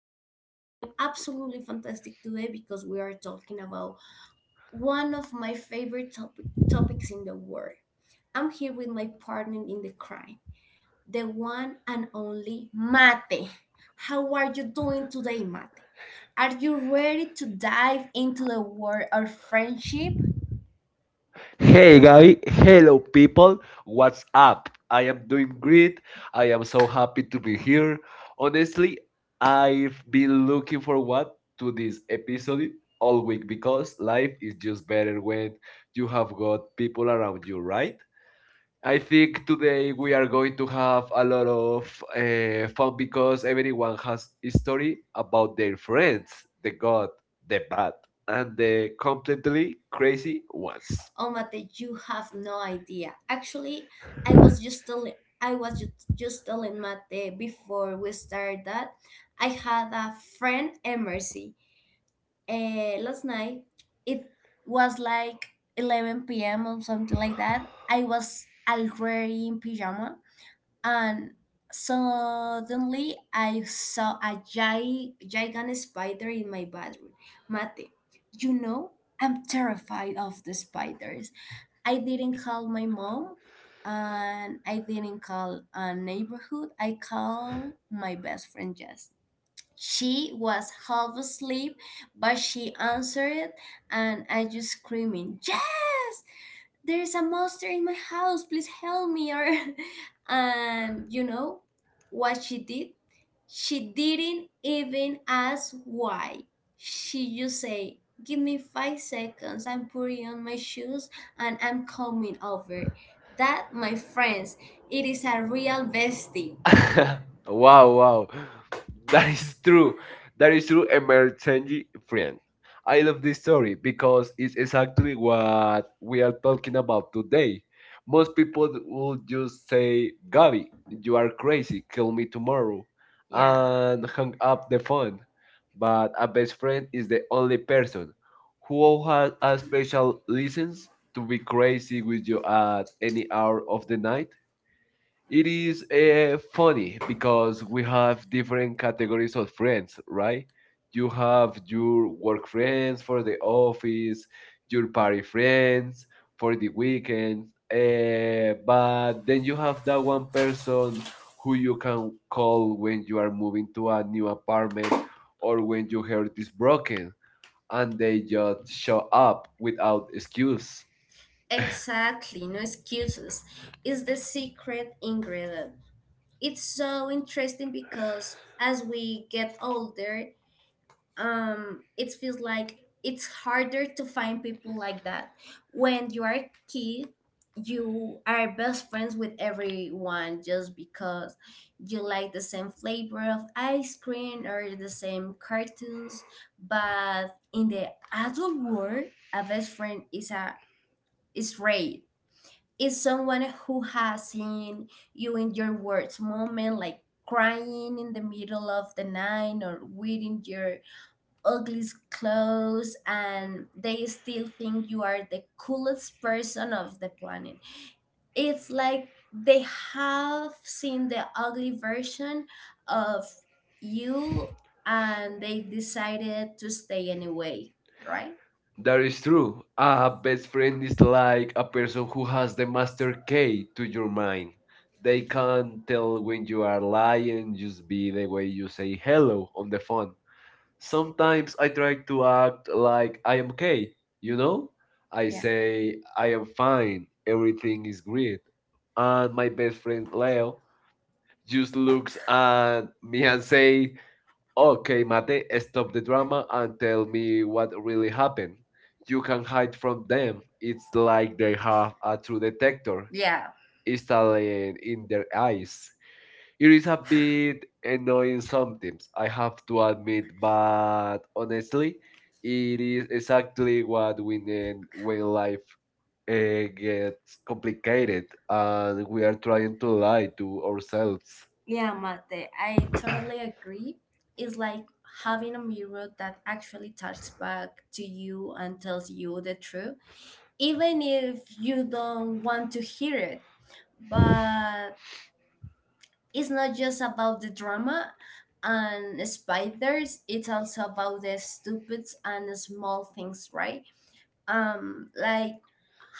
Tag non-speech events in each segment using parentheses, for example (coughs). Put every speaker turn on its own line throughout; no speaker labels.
Gabby. I'm feeling absolutely fantastic today because we are talking about one of my favorite topics in the world. I'm here with my partner in the crime, the one and only Mate. How are you doing today, Mate? Are you ready to dive into the world of friendship?
Hey Gabby, hello
Hello,
people,
people.
what's
What's up?
up? I
I am
am
doing
doing
great.
great. I am so happy to be here. Honestly,
I've
I've
been
been
looked
looking forward to this episode all week because life is just better when you have got people around you, right? I think today we are going to have a lot of fun because everyone has a story about their friends, the good, the
the
bad,
bad and
and the
the
completely
completely crazy
crazy
ones.
ones.
Oh Mate, you have no idea. Actually, I was just telling I was just telling Mate before we started that I had a friend emergency last night. It was like 11 p.m. or something like that. I was already in pajama and suddenly I saw a gigantic spider in my bathroom. Mate, you know, I'm terrified of the spiders. I didn't call my mom and I didn't call a neighborhood. I called my best friend Jess. She was half asleep, but she answered, and I just screaming, "Yes! There's a monster in my house! Please help me!" Or, (laughs) and you know what she did? She didn't even ask why. She just say, "Give me 5 seconds. I'm putting on my shoes, and I'm coming over." That, my friends, it is a real bestie.
(laughs) Wow, wow. That is true.
True,
That
that
is
is
true,
true,
emergency
emergency
friend.
friend.
I
I
love
love
this
this
story
story
because
because
it's
it's
exactly
exactly
what
what we
we are
are talking
talking about
about today.
today. Most people
We'll
would
just
just say, Gabi,
you
you are
are
crazy,
tell
kill me
me to
tomorrow, and hang up the phone. But a best friend is the only person who has a special
tell listens
license
to
to
be
be crazy
crazy
with
with
you
you
at
at
any
any
hour
hour
of
of the
the
night.
night. It
It
is
is funny
funny because
because
we
we have
have different
different
categories
categories of
of
friends,
friends,
right?
right? You
You have
have your
your
work
work friends
friends
for
for
the
the office,
office,
your
your
party
party friends
friends for
for
the
the
weekends,
weekend,
but
but
then
then
you
you
have
have
that
that
one
one
person
person
who
who
you
you
can
can call
call when
when
you
you
are
are moving
moving to
to
a
a
new
new apartment
apartment or
or
when
when
your
you
hair
have
is broken and they
they
just
job
show up without
without.
excuse.
Exactly, no excuses. It's the secret ingredient. It's so interesting because as we get older, it feels like it's harder to find people like that. When you are a kid, you are best friends with everyone just because you like the same flavor of ice cream or the same cartoons. But in the adult world, a best friend is a is rare, is someone who has seen you in your worst moment, like crying in the middle of the night or wearing your ugliest clothes, and they still think you are the coolest person of the planet. It's like they have seen the ugly version of you and they decided to stay anyway, right?
That is true. A best friend
Bring this
is like a person who has the master key
hey
to
to
your
your man.
mind. They can
Can't
tell
tell
when
when
you
you
are
are
lying
just
just be the way you say hello on the phone. Sometimes I try to act like I am okay, you know?
no. I
I
yeah
say
say
I
I
am
am
fine,
fine.
everything is
Things
great. And my best friend Leo
just
just
look
looks at me and say,
say
"Okay, Mate, stop the drama and tell
me
me what
what
really happened." You
you
can
have,
hide from them. It's like they have a true detector
yeah,
installed
in
in their
there,
eyes. It is a bit annoying
knowing
sometimes, I have to
that with
admit, but honestly, it is exactly
that
what we
with
need
the
when
real life
life gets
gets
complicated
complicated,
and
and
we
we
are
are
trying
trying
to
to
lie
lie
to
to ourselves.
ourselves.
Yeah, Mate, I totally agree. It's like having a mirror that actually talks back to you and tells you the truth, even if you don't want to hear it. But it's not just about the drama and spiders, it's also about the stupid and small things, right? Like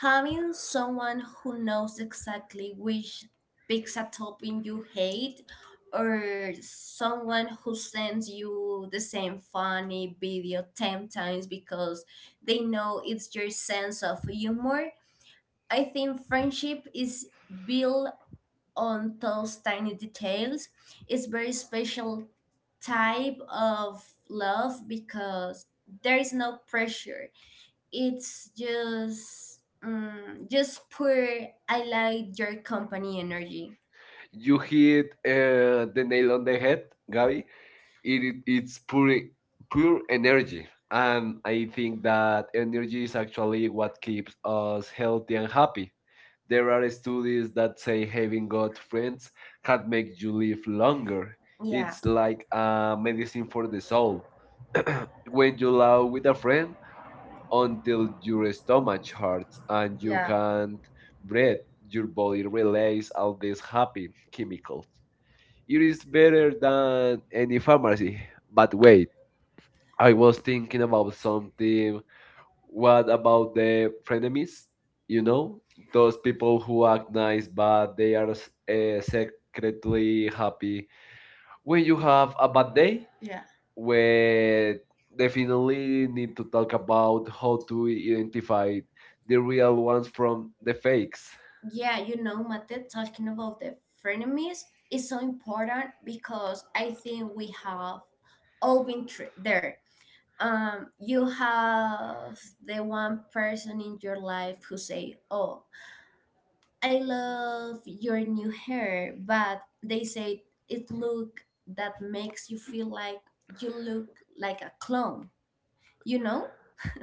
having someone who knows exactly which pizza topping you hate, or someone who sends you the same funny video 10 times because they know it's your sense of humor. I think friendship is built on those tiny details. It's very special type of love because there is no pressure. It's just pure I like your company energy.
You
You
hit the nail on the head, Gabi. it
it
it's
is
pure
pure,
pure energy, and
and
I
I
think
think
that
that
energy
energy
is actually what keeps us healthy and happy. There are studies that say having
having
good
God
friends can make
makes
you
you live.
live
Like,
longer.
yeah,
It's
it's
like a medicine for the soul. When you laugh with a friend
all
until your stomach hurts
that
and
you,
you
yeah, have.
can't breathe, your body relays all these happy chemicals. It is better than any pharmacy. But wait, I was thinking about
The
something. What about the frenemies? You know, those people who act nice but they are secretly happy. When you have a bad day,
yeah
we definitely
only
need
need
to talk about how to
to
identify the
the
real
real
ones
ones
from
from
the
the
fakes.
fakes. Yeah, you know, Mate, talking about the frenemies is so important because I think we have all been there. You have the one person in your life who say, "Oh, I love your new hair," but they say it look that makes you feel like you look like a clone. You know,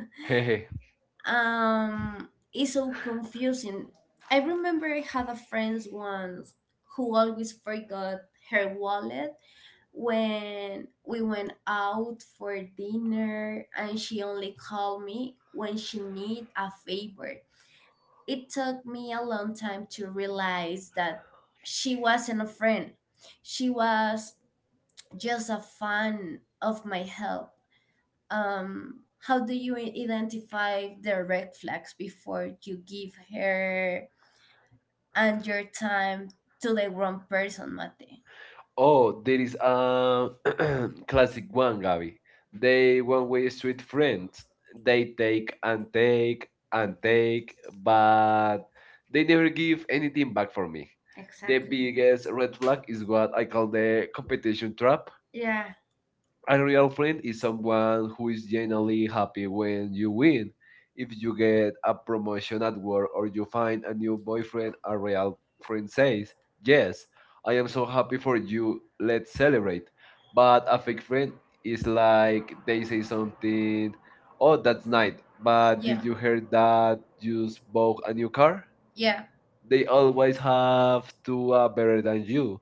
(laughs)
(laughs)
it's so confusing. I remember I had a friend once who always forgot her wallet when we went out for dinner, and she only called me when she need a favor. It took me a long time to realize that she wasn't a friend, she was just a fan of my help. How do you identify the red flags before you give her and your time to the wrong person, Mate?
Oh,
Oh,
there
the
is a
um,
(clears throat)
as
classic one,
one
Gabby. They one-way street
friend.
friends. They take
Like
and take and take, but they never give anything back for me. The
exactly
biggest red flag
that
is
is
what
what,
I call the competition trap.
yeah,
A real friend is
is
someone
someone
who
who
is
is
genuinely
generally
happy when
helping
you
you
win.
with,
If you get a promotion at work or
or
you
you
find a
and
new
you want
boyfriend, a real friend says, "Yes, I am so happy for
for
you,
you.
let's celebrate." But
But
a fake friend is
like
like they
they
say
say something,
something, "Oh,
oh,
that's nice,
I
but
yeah
did you
didn't
hear that you
use
bought a new car?"
yeah
They always have to are better than you.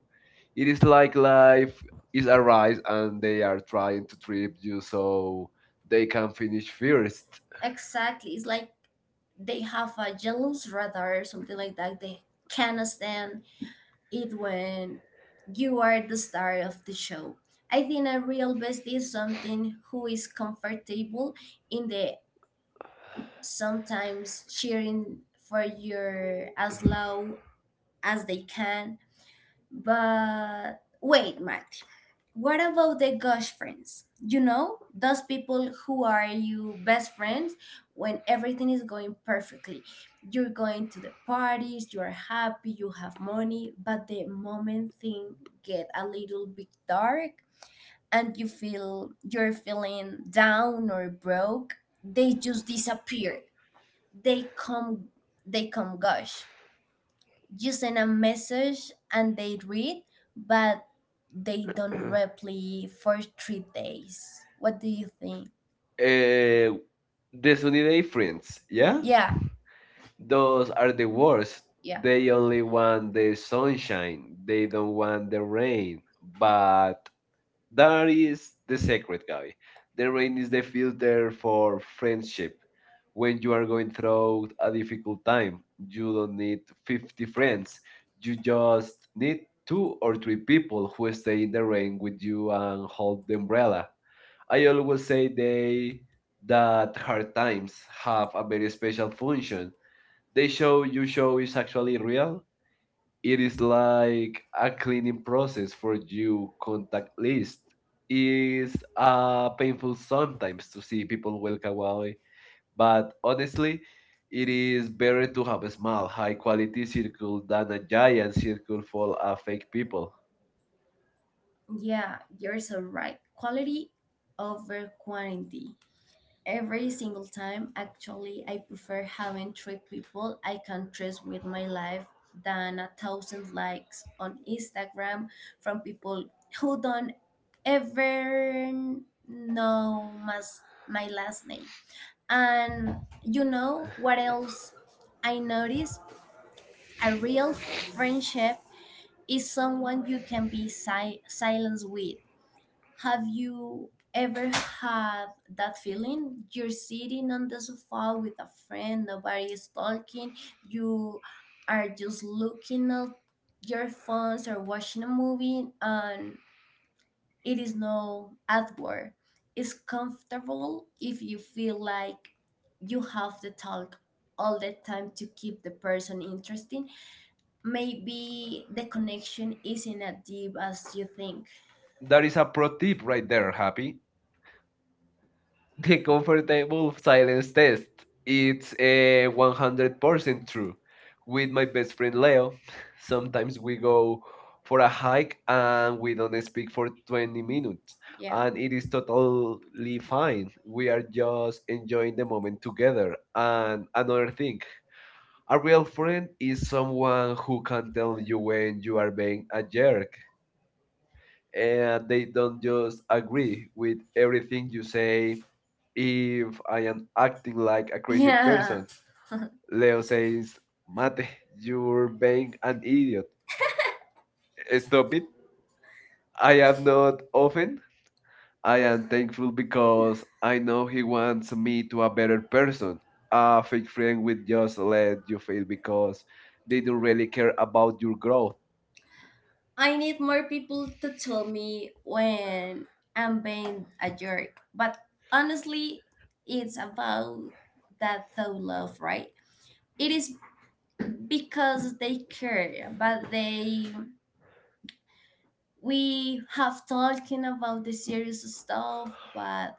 It is like life is a race and they are trying to trip you so they can finish
finish.
first.
Exactly. It's like they have a jealous radar or something like that. They cannot stand it when you are the star of the show. I think a real bestie is something who is comfortable in the sometimes cheering for your as loud as they can. But wait, Mati. What about the gush friends? You know, those people who are you best friends when everything is going perfectly. You're going to the parties, you're happy, you have money, but the moment things get a little bit dark and you feel you're feeling down or broke, they just disappear. They come they come gush, you send a message and they read, but they don't
(coughs)
reply for 3 days. What do you think? Uh,
Uh, the sunny day friends,
yeah,
yeah?
yeah,
Those are the worst.
yeah,
They
the,
only want
and
the
the social
sunshine. They don't want the rain.
but
But that is the secret, guy. The rain is the filter for friendship.
friendship
When
when
you
you
are
are
going through
through
a
a difficult,
difficult time. You
you
don't
don't
need
have
50
different.
friends. You
You jump
just need two or
or to
three
repeat,
people who stay
stay
in
in
the
the
rain
rain with
with you
you at
and hold the umbrella. I always say they that hard times
times.
have a very
A
special
special function.
function. They
They
show
show
you
you
show
show
is
is
actually
actually real.
real. It
It
is
is like
like a
a
cleaning
cleaning
process
process
for
for you
you contact
contact
list.
list.
It's
It's
painful
painful
sometimes
sometimes
to
to
see
see people
people
walk
walk
away,
away, but
but
honestly,
honestly,
it
it
is
is
better
better
to
to
have
have
a
a
small,
small,
high
high
quality
quality
circle
circle
than
than
a
a
giant
giant
circle
circle
full
for
of fake
fake
people.
people. Yeah, you're so right. Quality over quantity every single time. Actually, I prefer having three people I can trust with my life than a thousand likes on Instagram from people who don't ever know my last name. And you know what else I noticed? A real friendship is someone you can be silent with. Have you ever had that feeling? You're sitting on the sofa with a friend, nobody is talking, you are just looking at your phones or watching a movie, and it is no adword. It's comfortable. If you feel like you have to talk all the time to keep the person interesting, maybe the connection isn't as deep as you think. That
That is
is
a
a
pro
pro tip
tip right
right
there,
there,
Happy.
Happy.
(laughs) The comfortable silence
Silence.
test. It's
It's
a
uh,
100% true. With
with
my
my
best friend Leo,
Leo.
(laughs) sometimes
Sometimes
we
we
go for a hike and
and
we
we
don't
don't
speak for
20
20 minutes
minutes, yeah,
and
and
it is totally fine. We are just enjoying the moment
together.
together. And another thing, a real friend is someone who can tell
Don't you
you when
when
you
you are
are being a
a
jerk
jerk.
and they
Don't
don't
you
just
agree?
agree with everything
Think
you
you say
say if
I
I am
am
acting
like
like a
a crazy,
crazy
yeah,
person.
person. (laughs) Leo,
Leo says, "Mate,
mate, you're
you're being an
an
idiot.
idiot.
Stop it." I am not
Often
often. I am
and they
thankful because I know he wants
want
me
me to
to a better person. A fake
agree
friend will
with you
just let you fail because
because
they
you
don't really
really
care about
want
your
your
growth.
I need more people to tell me when I'm being a jerk. But honestly, it's about that thought love, right? It is because they care, but they we have talking about the serious stuff, but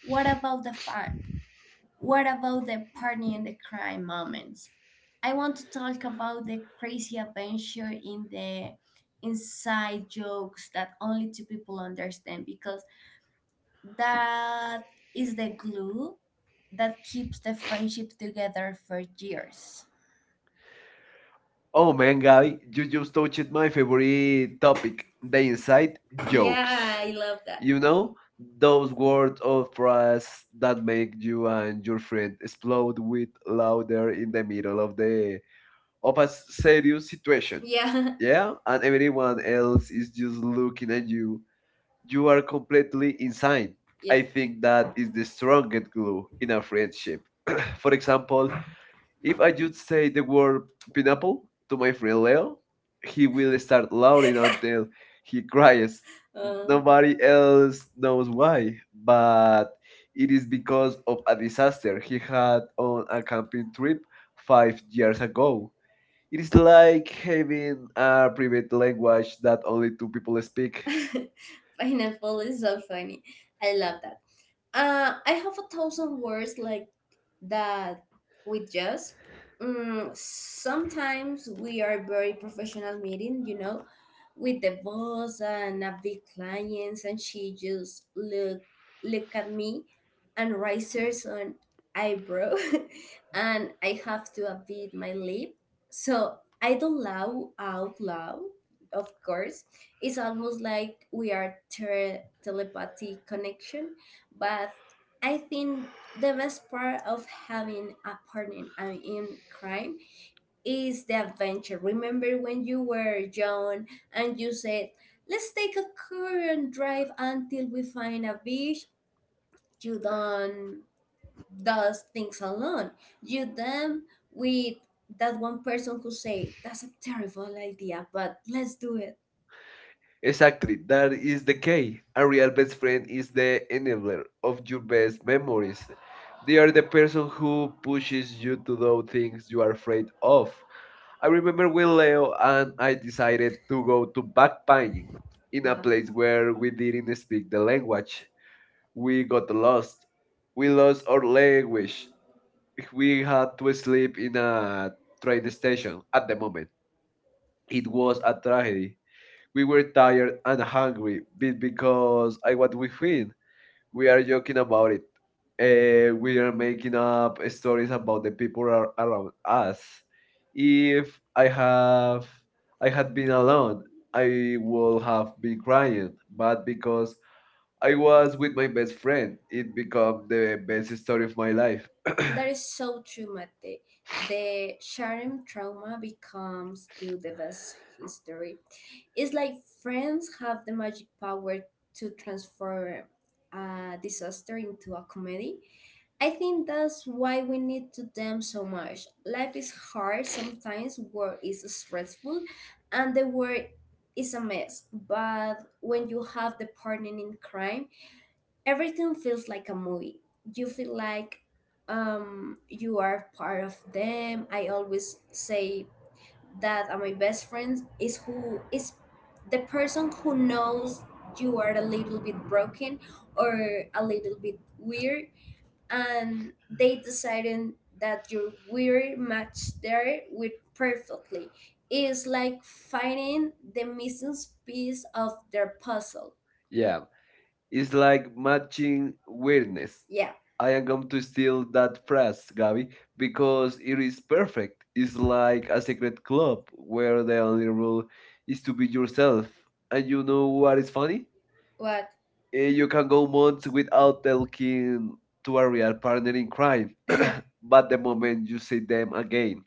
what about the fun? What about the party and the crime moments? I want to talk about the crazy adventure in the inside jokes that only two people understand because that is the glue that keeps the friendship together for years.
Oh
Oh man,
man,
Gabby,
Gabby, you
you
just
just
touched my
read
favorite topic, the
the
inside
jokes.
jokes.
Yeah, I love that. You
You know,
know those
those
words
words of
of
phrase
praise
that
that make
make
you
you
and
and your
your friend
friend explode
explode with
with
laughter
laughter in
in
the
the
middle
middle
of
of
the
the
of
of
a
a
serious
serious situation.
situation.
Yeah. (laughs)
Yeah, and everyone else
Yeah,
is just
just look
looking at
at
you.
you.
You
You
are
are
completely
ugly.
insane.
Yeah.
I
I think
think that
that
is
is
the
the
strongest
straight
glue
girl.
in a friendship. (clears throat) For example,
If
if I
I
just say the word
feel,
pineapple to my friend Leo,
well,
he will start laughing
(laughs) you
until
know,
he cries.
then (laughs)
Nobody else knows why, but
Uh,
it
it
is
is the
because of a disaster he had on a camping trip
trip.
5 years ago. It is like
I,
having a
uh,
private language that only two people speak.
(laughs) pineapple is so funny. I love that. I have a thousand words like that we just, sometimes we are very professional meeting, you know, with the boss and a big clients, and she just look at me and raises on eyebrow (laughs) and I have to upbeat my lip so I don't laugh out loud. Of course, it's almost like we are telepathy connection. But I think the best part of having a partner in crime is the adventure. Remember when you were young and you said, "Let's take a car and drive until we find a beach?" You don't does things alone. You them with that one person who say, "That's a terrible idea, but let's do it."
Exactly,
Exactly.
that
That's
is the
the case.
key. A real best friend is the enabler of your
You
best
best memories.
memories. They are the
The
person
person
who
who pushes
pushes you
you
to
to
do things you are afraid of. I remember when Leo and I decided to go to backpacking in a
place
place
where
where we didn't speak the
I
language.
watch.
We got lost. We lost our
I wish.
language. We
We
had to sleep in a train station at
at
the
the moment.
moment. It
It
was
was
a tragedy. We
we
were
were
tired
tired,
and hungry
hungry,
because
because
I
I
what
what
we
we
feel
feel. We
we are
are
joking
joking
about it. We are making up stories about the people around us.
if
If I had been alone, I
it
would
would
have been
be great,
crying. But
but
because
because
I
I
was
was
with
with
my
my
best
best friend,
friend, it
it
became
became
the
the
best
best
story
story
of
of my
my
life.
life.
(clears throat) That is so true, Mate. The sharing trauma becomes still the best history. It's like friends have the magic power to transform a disaster into a comedy. I think that's why we need to them so much. Life is hard sometimes, work is stressful, and the world is a mess. But when you have the partner in crime, everything feels like a movie. You feel like you are part of them. I always say that my best friend is who is the person who knows you are a little bit broken or a little bit weird and they decided that your weird match there with perfectly. It's like finding the missing piece of their puzzle.
Yeah, it's like
Watching
matching
weirdness.
weirdness.
Yeah.
I am going to steal that phrase, Gabby,
Gabby,
because it is perfect. It's
is
like a secret club where the only rule
valuable
is
is
to
to
be
be your.
yourself. And
And you
you know
know what?
what is funny?
What?
You
You
can
can
go
do
months
with
without
um,
talking to a real partner in
in crime,
crime, but
but
the moment
when you
you see
see
them again,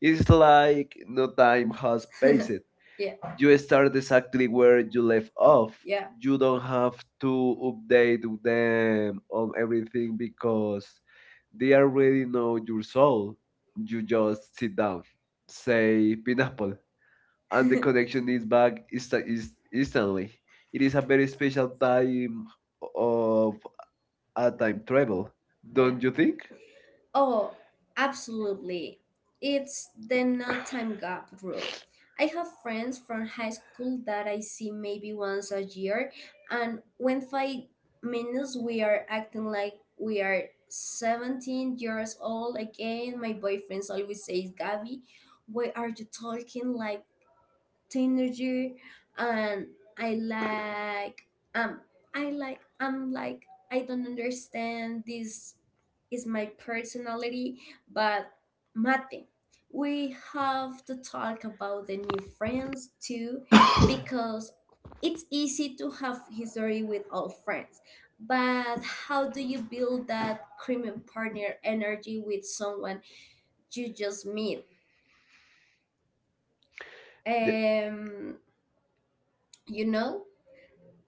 it's like no time
time
has
has (laughs)
passed.
crazy. Yeah. You.
You start exactly where you left off.
Yeah.
You
You
don't
know
have to
they
update
do that,
them on everything because they already know your soul. You
you just
just sit down, say
say,
pineapple, and
and
the
the (laughs) connection
connection
is
is back
bad is
insta- is
is
instantly. It is
is
a
a
very special
type
time of
of.
a time travel,
Yeah, don't
don't you
you think?
think?
Oh, absolutely. It's the no time gap rule. I have friends from high school that I see maybe once a year, and when 5 minutes we are acting like we are 17 years old again. My boyfriend always says, "Gabby, why are you talking like teenager?" And I like um I'm like, I don't understand, this is my personality. But Mate, we have to talk about the new friends too, (laughs) because it's easy to have history with old friends, but how do you build that cream partner energy with someone you just meet?
The-
um you know,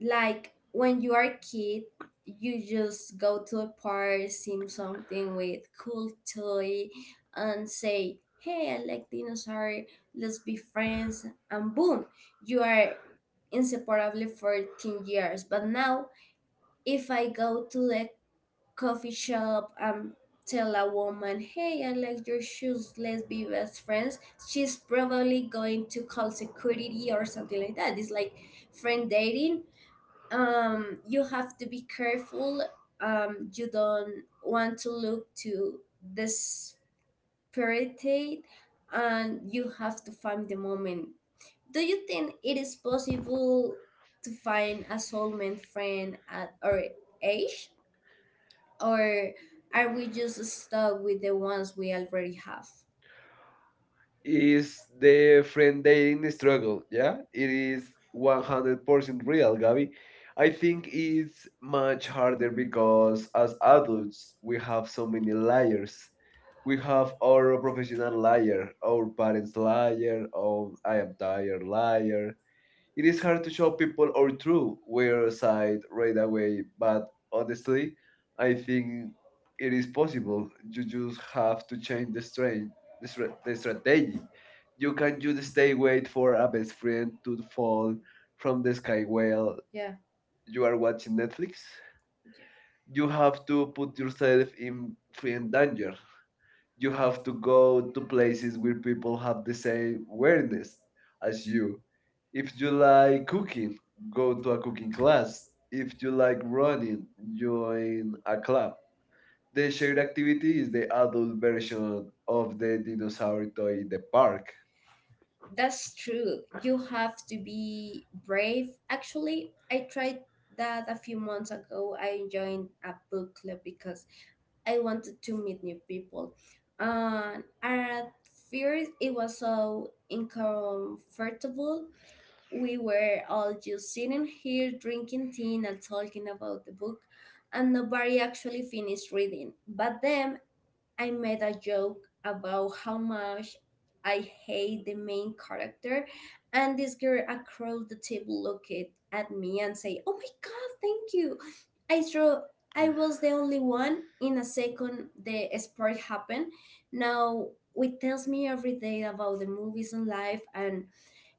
like when you are a kid, you just go to a park, see something with cool toy and say, "Hey, I like dinosaur, let's be friends," and boom, you are inseparably for 10 years. But now if I go to the coffee shop and tell a woman, "Hey, I like your shoes, let's be best friends," she's probably going to call security or something like that. It's like friend dating. You have to be careful. You don't want to look too desperate, and you have to find the moment. Do you think it is possible to find a soulmate friend at our age, or are we just stuck with the ones we already have? Is
is the
the
friend
friend they
dating
in struggle,
struggle.
yeah?
Yeah, it is
100%
100% real,
real.
Gabi. I
I think
think
it's
it's much
much
harder
harder
because
because
as
as adults
adults we
we
have
have
so
so
many
many
layers.
layers.
We
We
have
have
our professional
professional liar,
liar, our parents
parents
liar,
liar,
our
oh
I
I
am
am
tired
tired
liar.
liar.
It is
It's
hard
hard
to
to
show
show
people
people
our
our
true
true
weird
we're
side
side
right
right away,
away, but
but
honestly, I
I
think
think
it
it
is
is
possible.
possible.
You
You
just
just have
have to
to
change
change
the
the strain,
strain, the, stra- the
the strategy.
strategy. You
You
can
can
just
just
stay
stay
wait
wait
for
for
a
a
best
best
friend
friend
to
to
fall
fall
from
from
the
the
sky
sky well
while you
you
are
are
watching
watching
Netflix.
Netflix. Yeah,
You
you
have
have
to
to
put
put yourself
yourself in
in
friend danger.
danger.
You
You
have
have
to
to
go
go
to
to places
places where
where
people
people
have
have
the
the
same
same
awareness
awareness
as
as
you.
you.
If
If
you
you
like
like
cooking,
cooking,
go
go
to
to
a
a
cooking
cooking
class.
class. If
If you
you
like
like
running,
running,
join
join
a
a
club.
club.
The
The
shared
shared
activity
activity
is
is the
the adult
adult
version
version
of
of
the
the
dinosaur
dinosaur toy
toy in
in
the
the
park.
park. That's true. You have to be brave. Actually, I tried that a few months ago. I joined a book club because I wanted to meet new people. And at first, it was so uncomfortable. We were all just sitting here drinking tea and talking about the book, and nobody actually finished reading. But then I made a joke about how much I hate the main character, and this girl across the table looked at me and say, "Oh my god, thank you! I thought I was the only one." In a second, the sport happened. Now it tells me every day about the movies and life, and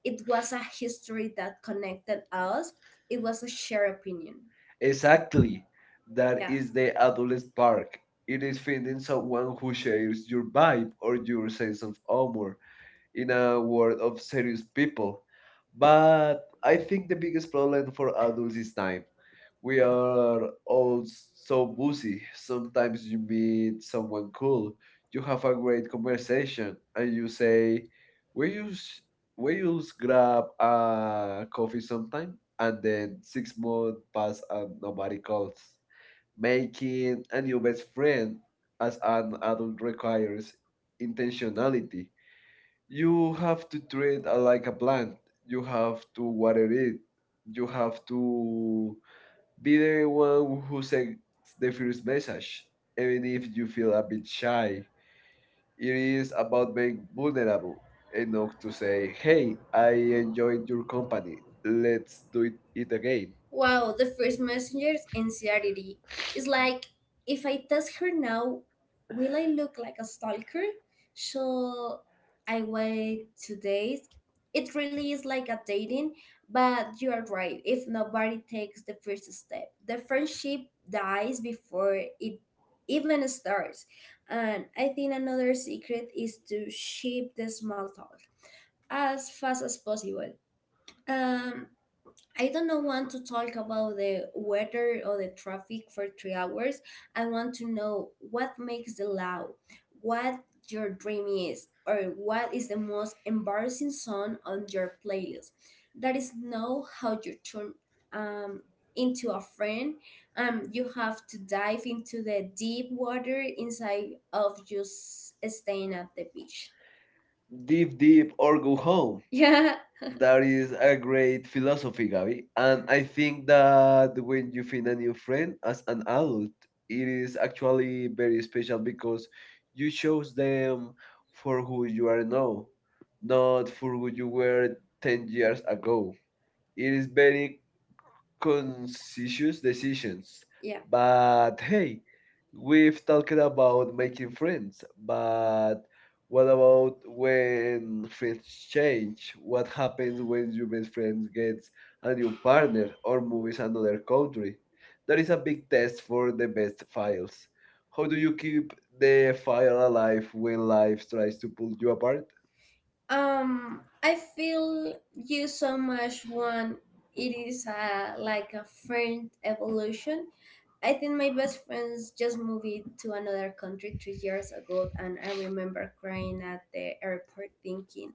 it was a history that connected us. It was a shared opinion.
Exactly.
That.
That
Yeah.
is
Is
the adult
the.
park. It
It
is
is
finding
finding
someone
someone
who
who
shares
shares
your
your
vibe
vibe
or
or
your
your
sense
sense
of
of humor
humor in
in
a
a
world
world
of
of
serious
serious
people.
people.
But
But
I
I
think
think
the
the
biggest
biggest
problem
problem for
for adults
adults
is
is
time.
time.
We
We
are
are
all so
so busy.
busy. Sometimes
Sometimes
you
you
meet
meet
someone
someone
cool,
cool,
you have
have
a
a
great
great conversation,
conversation,
and
and you
you
say,
say,
"Will
"Will
you,
you
s- will
we
you
used
grab
grab
a
a
coffee
coffee sometime?"
sometime?"
And
And
then
then six
6 months
months
pass
pass and
and
nobody
nobody
calls.
calls.
Making a new best friend
Friend
as an
and adult
adult requires
requires intentionality,
intentionality. You
you have
have to
to
treat
treat
it like
like
a
a
plant.
plant.
You
You have
have to
to water
water it.
it.
You
You
have
have to
to
be
be
the
the one
one who
who sends
sends the
the
first
first
message,
message,
even
even if
if you
you
feel
feel
a
a
bit
bit
shy.
shy. It
It is
is
about
about
being
being
vulnerable
vulnerable
enough
enough to
to
say,
say, "Hey,
"Hey,
I
I
enjoyed
enjoyed
your
your
company.
company.
Let's
Let's do
do
it,
it
it
again."
again."
Wow, the first messenger's anxiety. It's like, if I text her now, will I look like a stalker? Shall I wait 2 days? It really is like a dating, but you are right. If nobody takes the first step, the friendship dies before it even starts. And I think another secret is to ship the small talk as fast as possible. Um, I don't know want to talk about the weather or the traffic for 3 hours. I want to know what makes the loud, what your dream is, or what is the most embarrassing song on your playlist. That is know how you turn um, into a friend. You have to dive into the deep water inside of just staying at the beach.
Deep,
Deep,
deep,
deep,
or
or go
go
home.
home.
(laughs) Yeah. That
That is
is
a
a
great
great
philosophy,
philosophy,
Gabi.
Gabby.
And I
I
think
think
that
that when
when you
you
find
find
a
a
new
new
friend
friend
as
as
an
an
adult,
adult, it
it is
is
actually
actually
very
very
special
special
because
because
you
it
chose
shows
them
them
for
for
who
who
you
you
are
are now,
now, not
not for
for who
who
you
you
were
were
10
10
years
years.
ago.
It
It is
is
very
very
conscious
conscious
decisions.
decisions. Yeah. But
But hey,
hey,
we've
we've
talked
talked
about
about
making
making
friends,
friends,
but
but what
what about
about
when
um,
friends change?
change?
What
What
happens
happens
when
when
your
your
best
best
friend
friend gets
gets a
a
new
new partner
partner or
or
moves
moves
another
another country?
country? That
That is
is a
a
big
big
test
test for
for the
the best
best files.
files.
How
How
do
do
you
you keep
keep the
the fire
fire
alive
alive when
when
life
life
tries
tries to
to
pull
pull you
you?
apart?
I feel you so much when it is like a friend evolution. I think my best friends just moved it to another country 3 years ago, and I remember crying at the airport thinking,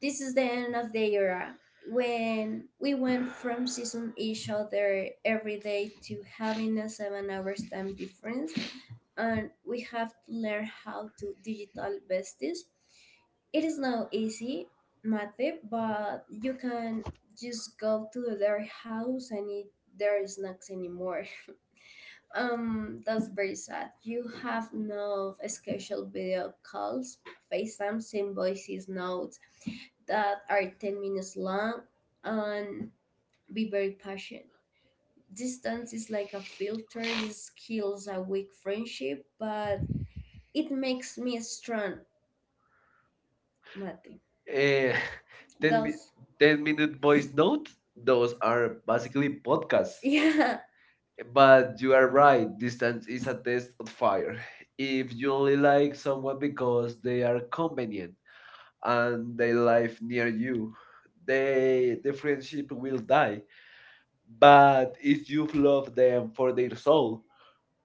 this is the end of the era. When we went from seeing each other every day to having a 7 hours time difference, and we have to learn how to digital besties. It is not easy method, but you can just go to their house and eat their snacks anymore. That's very sad. You have no scheduled video calls, FaceTimes, invoices, notes that are 10 minutes long, and be very patient. Distance is like a filter, this kills a weak friendship, but it makes me strong, Mati.
Eh,
Yeah.
(laughs)
10.
10, mi-
Those (laughs)
10
10
minute
minute
voice
notes,
notes? Those
those
are
are
basically
basically (laughs)
podcasts.
yeah. But
But you
you
are
are right,
right,
distance
distance is
is
a
a
test
test
of
of
fire.
fire. If
If you
you
only
only
like
like
someone
someone
because
because
they
they
are
are
convenient
convenient
and
and they
they
live
live near
near
you,
you,
the
the friendship
friendship will
will.
die. But
But
if
if
you
you love
love them
them
for
for
their
their
soul,
soul,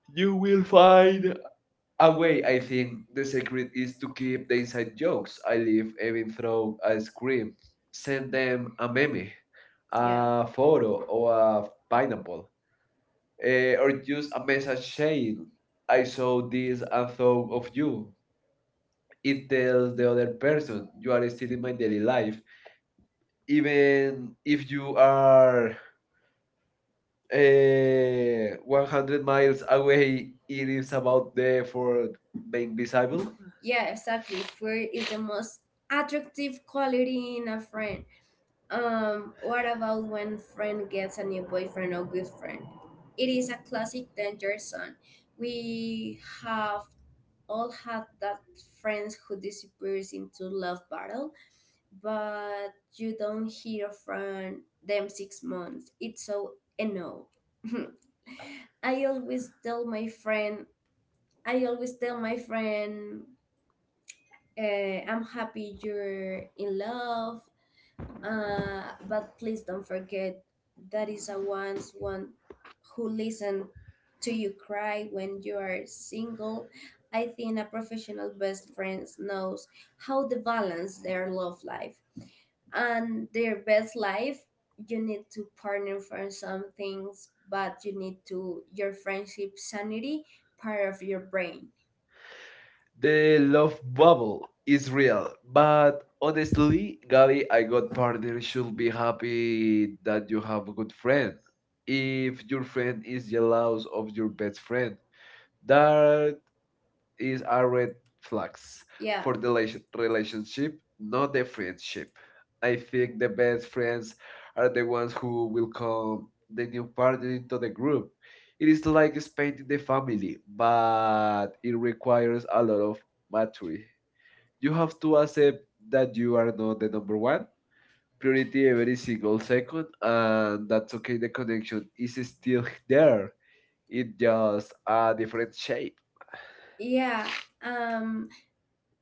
you
you
will
will find
find a
a
way.
way.
I
I
think
think
the
the
secret
secret
is
is
to
to
keep the inside
cut
jokes.
jokes.
I
I
live
live
even through
through
a
as
scream. Send
send
them
them
a
a
meme,
meme,
a photo,
photo,
or
or
a
a
pineapple
pineapple,
or
or
just
just
a
a
message
shade.
saying, I
I
saw
saw the
this and thought
thought
of
of you.
you. It tells
Tells
the
the
other
other
person,
person
you
you
are
are
still
still
in
in
my
my
daily
daily life.
life. Even
And
if
if
you
you
are
are
100
100
miles
miles
away,
away,
it
it
is
is
about
about
the
there
effort
for
being
being beside
visible.
you. Yeah, exactly. Fear is the most attractive quality in a friend. What about when friend gets a new boyfriend or good friend? It is a classic danger zone. We have all had that friends who disappears into love battle, but you don't hear from them 6 months. It's so annoying. (laughs) I always tell my friend, I always tell my friend, I'm happy you're in love. But please don't forget that is a once one who listen to you cry when you are single. I think a professional best friend knows how to balance their love life and their best life. You need to partner for some things, but you need to your friendship sanity part of your brain.
The
The
love
love
bubble is
is
real, but
honestly,
honestly, Gabi, I
my God,
got partner
partner
should
should
be
be
happy
happy that
that you
you
have
have
a good
good
friend
if
if your
you're friends
friend is jealous of
of
your
your
best
best friend.
friend. That
That
is
is
a
a
red
red flag.
flags
Yeah.
for
For
the
the
relationship,
relationship.
not
Not
the friendship. I think the best friends
friends
are the ones who
who
will
will
come
come
the new
part
partner into
of
the
the
group.
group. It
It is
is not
like expanding the family,
family,
but
but
it
it requires
requires a
a lot
lot of
of. But
maturity. You
you
have
have
to
to
accept
that
that you
you
are
are
not
not
the
the
number
number
one
one,
priority every
every
single
single
second,
second,
and
and that
that's okay. The
you
connection
should
is still there. It just
just
a
add.
different shape.
Yeah. Um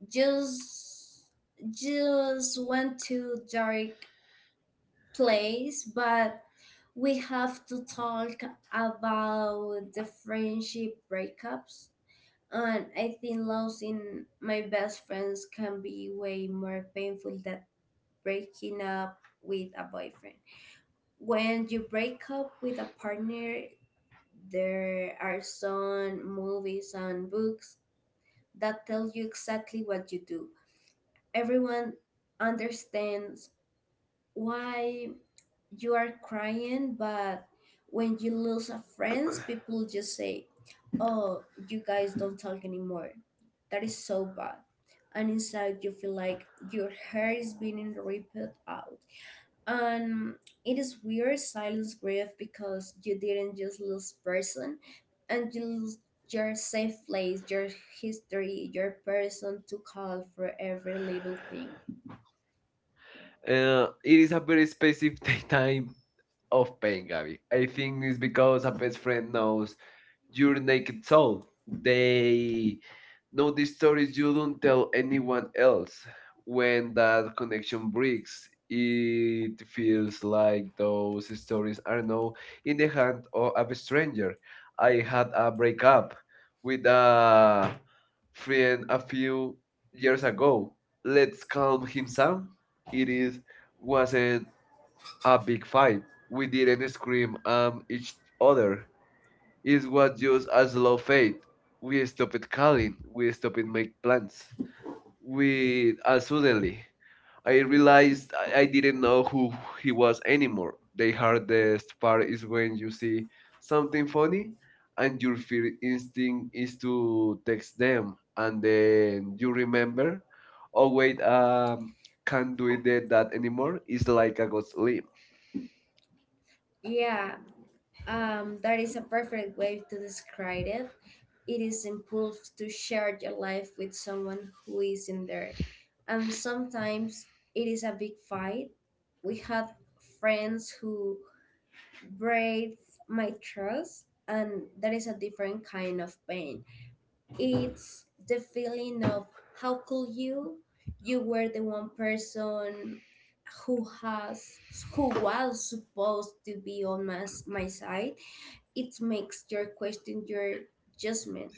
just just went to dark place. But we have to talk about the friendship breakups. And I think losing my best friends can be way more painful than breaking up with a boyfriend. When you break up with a partner, there are some movies and books that tell you exactly what you do. Everyone understands why you are crying, but when you lose a friend, people just say, "Oh, you guys don't talk anymore." That is so bad. And inside, you feel like your hair is being ripped out. And it is weird silence grief because you didn't just lose person, and you lose your safe place, your
(sighs)
history, your person to call for every little thing.
It
It is
is
a
a very
very
specific (laughs)
kind
time of
of
pain, Gabby.
I
I think
think
it's
it's because
because a
a
best
best
friend
friend
knows
knows
your
your name.
naked soul. They
They
know the stories you
you don't
don't tell
tell
anyone
anyone
else. When
and the
that
action
connection
breathes.
breaks,
It
it feels
feels
like
like
those
those
stories
stories
are
are
now
no
in the hand of a stranger.
stranger.
I had a breakup with
Uh,
a friend
and
a
after
few years ago. Let's calm him
himself,
down.
it
It is
is
Wasn't a
a
big fight. We didn't scream at each other. It was just a slow fade. We stopped calling. We stopped
it
make
makes
plans. We
we
Suddenly I
I realize
realized I, I didn't know who he was anymore.
anymore
The hardest part is when
when
you
you
see
see
something
funny
funny and
and
your
your
fear
fear
instinct
instinct
is
is to
to text them and
and
then
then you
you
remember remember.
remember,
Oh
oh wait,
wait,
um, can't
can't
do
do
it
it
that
that
anymore.
anymore.
It's
It's
like
like I
a
was
ghost
late.
limb.
Yeah, that is a perfect way to describe it. It is impulse to share your life with someone who isn't there. And sometimes it is a big fight. We had friends who breathe my trust, and that is a different kind of pain. It's the feeling of how could you? You were the one person who has who was supposed to be on my side. It makes your question your judgment.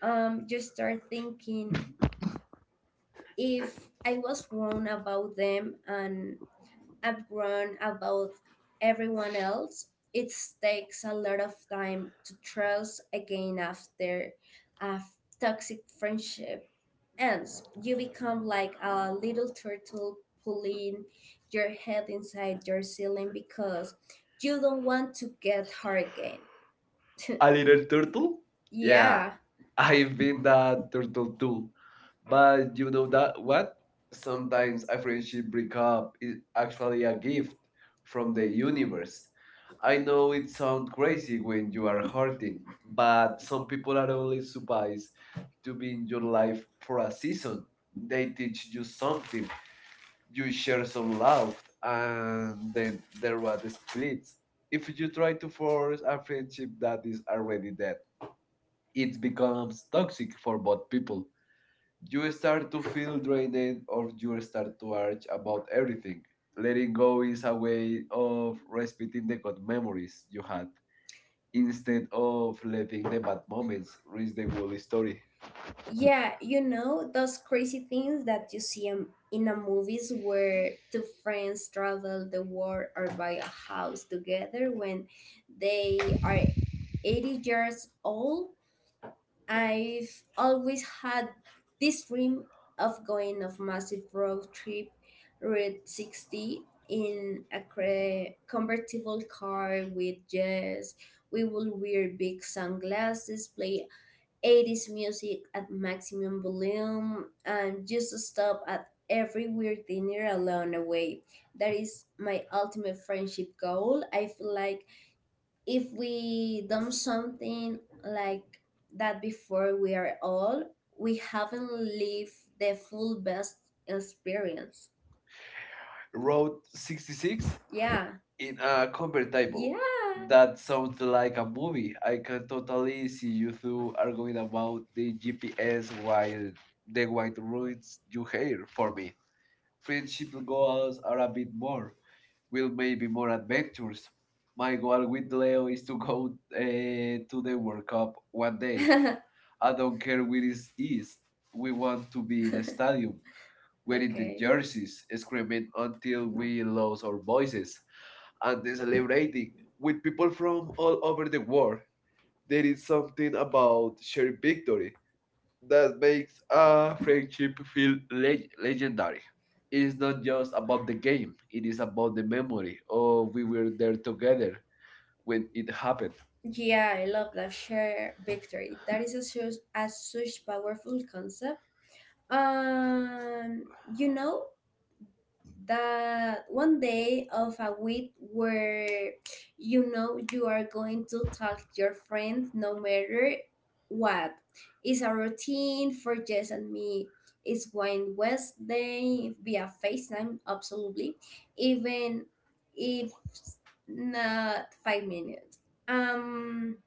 You start thinking if I was wrong about them and I've grown about everyone else. It takes a lot of time to trust again after a toxic friendship ants, you become like a little turtle pulling your head inside your ceiling because you don't want to get hurt again. (laughs)
A
A
little
little
turtle?
turtle? Yeah,
Yeah,
yeah.
I've
I've
been
been that
that turtle
turtle
too.
too. But
But you
you
know
know
that
that
what? Sometimes
sometimes
a
a
friendship
friendship
breakup
breakup
is
is
actually a
a gift
gift from
from
the
the
universe.
universe.
I
I
know
know
it
it
sounds
sounds
crazy
crazy
when
when
you
you
are
are
hurting,
hurting,
but
but
some people
people
are
are
only
always
supposed
supposed to
to be
be
in
in
your
your life
life for
for
a
a
season.
season.
They
They
teach
teach
you
you
something,
something,
you
you
share
share
some
some
love,
love
and
and
then
then
the
there
road
was a split.
splits.
If
If you
you
try
try
to
to
force
force
a
a
friendship
friendship
that
that
is
is
already
already
dead,
dead,
it
it
becomes
becomes toxic
toxic for
for
both
both
people.
people.
You
You
start
start
to
to
feel
feel
drained,
drained
or
or
you
you
start
start
to
to
argue
argue
about
about
everything.
everything.
Letting
Letting
go
go
is
is
a
a
way
way
of
of
respecting
respecting
the
the good
good memories
memories
you
you
had
had
instead
instead
of
of
letting
letting
the
the
bad
bad moments
moments reach
reach
the
the
whole
whole story.
story.
Yeah, you know, those crazy things that you see in the movies where two friends travel the world or buy a house together when they are 80 years old. I've always had this dream of going on a massive road trip Route 60 in a convertible car with jazz. We will wear big sunglasses, play 80s music at maximum volume and just stop at every weird dinner along the way. That is my ultimate friendship goal. I feel like if we done something like that before we are all, we haven't lived the full best experience.
Road
Road
66
66. Yeah,
in
in
a
a cover table.
convertible.
Yeah.
That
That sounds
sounds
like
like
a
a movie.
movie.
I
I
can
can totally
totally see
see
you
you
two
two
arguing
arguing about
about the
the
GPS
GPS while
while the
the white
wind
ruins
ruins your
do hair
hair for
for me.
me.
Friendship
Friendship goals
goals
are
are
a
a
bit
bit more,
more, will
will
maybe
maybe
more
more adventures.
adventures.
My
My goal
goal
with
with
Leo
Leo
is
is
to
to
go
go
to
to
the
the
World
World
Cup
Cup
one
one day.
day.
(laughs)
(laughs) I
I
don't
don't care
care
where
where
it
it is.
is.
We
We
want
want to
to
be
be
in
in a
the stadium,
stadium
wearing the
wearing the
okay,
jerseys,
jerseys,
screaming
screaming
until
until we
we lose
lose our
our voices,
voices,
and
and then
celebrating
celebrating.
with people
People
from
from
all
all
over
over
the
the world.
world. There is
It's
something
something about
about shared
shared victory
victory that
that
makes
makes
a
a
friendship
friendship
feel
feel legendary.
legendary. It is
It's
not
not just
just about
about
the
the game,
game,
it
it is
is
about
about
the
the
memory
memory. Oh,
of we
we
were
were
there
there together
together when
when
it
it happened.
happened.
Yeah, I love that shared victory. That is a such powerful concept. Um, you know, that one day of a week where you know you are going to talk to your friends no matter what. It's a routine for Jess and me. It's when Wednesday via FaceTime, absolutely, even if not 5 minutes. Um,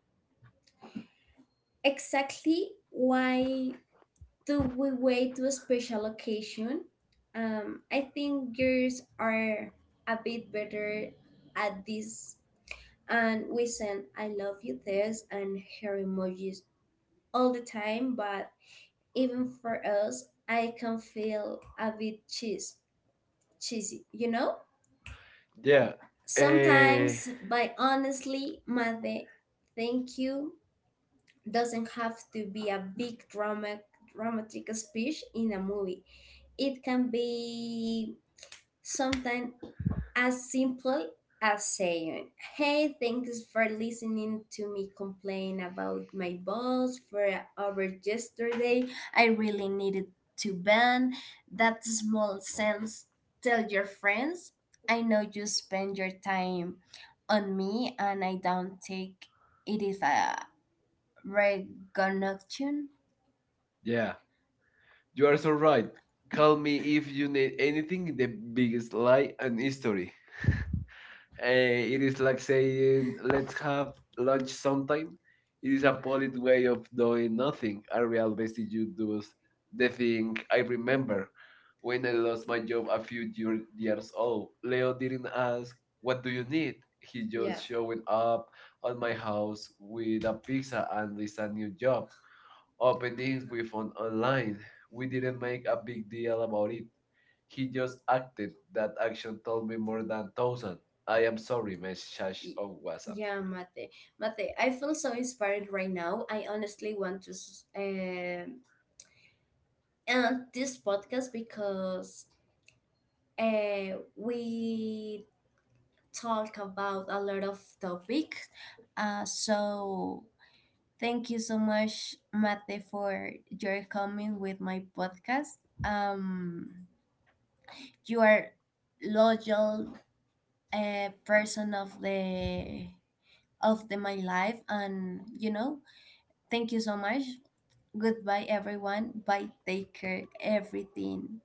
exactly why do we wait to a special occasion? I think girls are a bit better at this, and we send "I love you" this and her emojis all the time. But even for us, I can feel a bit cheesy, you know. Yeah.
Yeah. Eh,
Sometimes, by honestly, Made, thank you doesn't have to be a big dramatic speech in a movie. It can be something as simple as saying, "Hey, thanks for listening to me complain about my boss for over yesterday. I really needed to vent." That small sense, tell your friends, I know you spend your time on me and I don't take it is a recognition.
yeah. You
You
are
are
so
so
right.
right.
Call
Call me
me if
if
you
you
need
need
anything
anything,
the
the
biggest
biggest
lie
lie
and
in
history.
history.
It
It
is
is
like
like
saying,
saying,
let's
let's
have
have
lunch
lunch
sometime.
sometime.
It
It
is
is
a
a
polite
polite
way
way
of
of
doing
doing
nothing.
nothing.
A
A real
real
message
vestige
you do
does
the
the thing
thing
I
I
remember
remember
when
when
I
I
lost
lost
my
my
job
job a few year,
years
years
old.
old.
Leo
Leo
didn't
didn't
ask,
ask,
what
what
do
do
you
you
need?
need?
He
He yeah,
just
just
showing
showed
up
up
at
at
my
my
house
house
with
with
a
a
pizza
pizza
and
and
it's
this
a
a
new
new
job.
job.
Openings
Opening
we
we
found
found online.
online. We
We
didn't
didn't
make
make
a
a
big
big
deal
deal
about
about
it.
it,
He
he
just
just
acted.
acted.
That
That
action
action
told
told
me
me
more
more
than
than
1,000.
thousand.
I
I
am
am
sorry,
sorry, Miss Shash
message on
Owasa.
WhatsApp.
Yeah, Mate. Mate, I feel so inspired right now. I honestly want to end this podcast because uh, we talk about a lot of topics. So thank you so much, Mate, for your coming with my podcast. Um, you are loyal person of the my life, and you know, thank you so much. Goodbye everyone. Bye. Take care everything.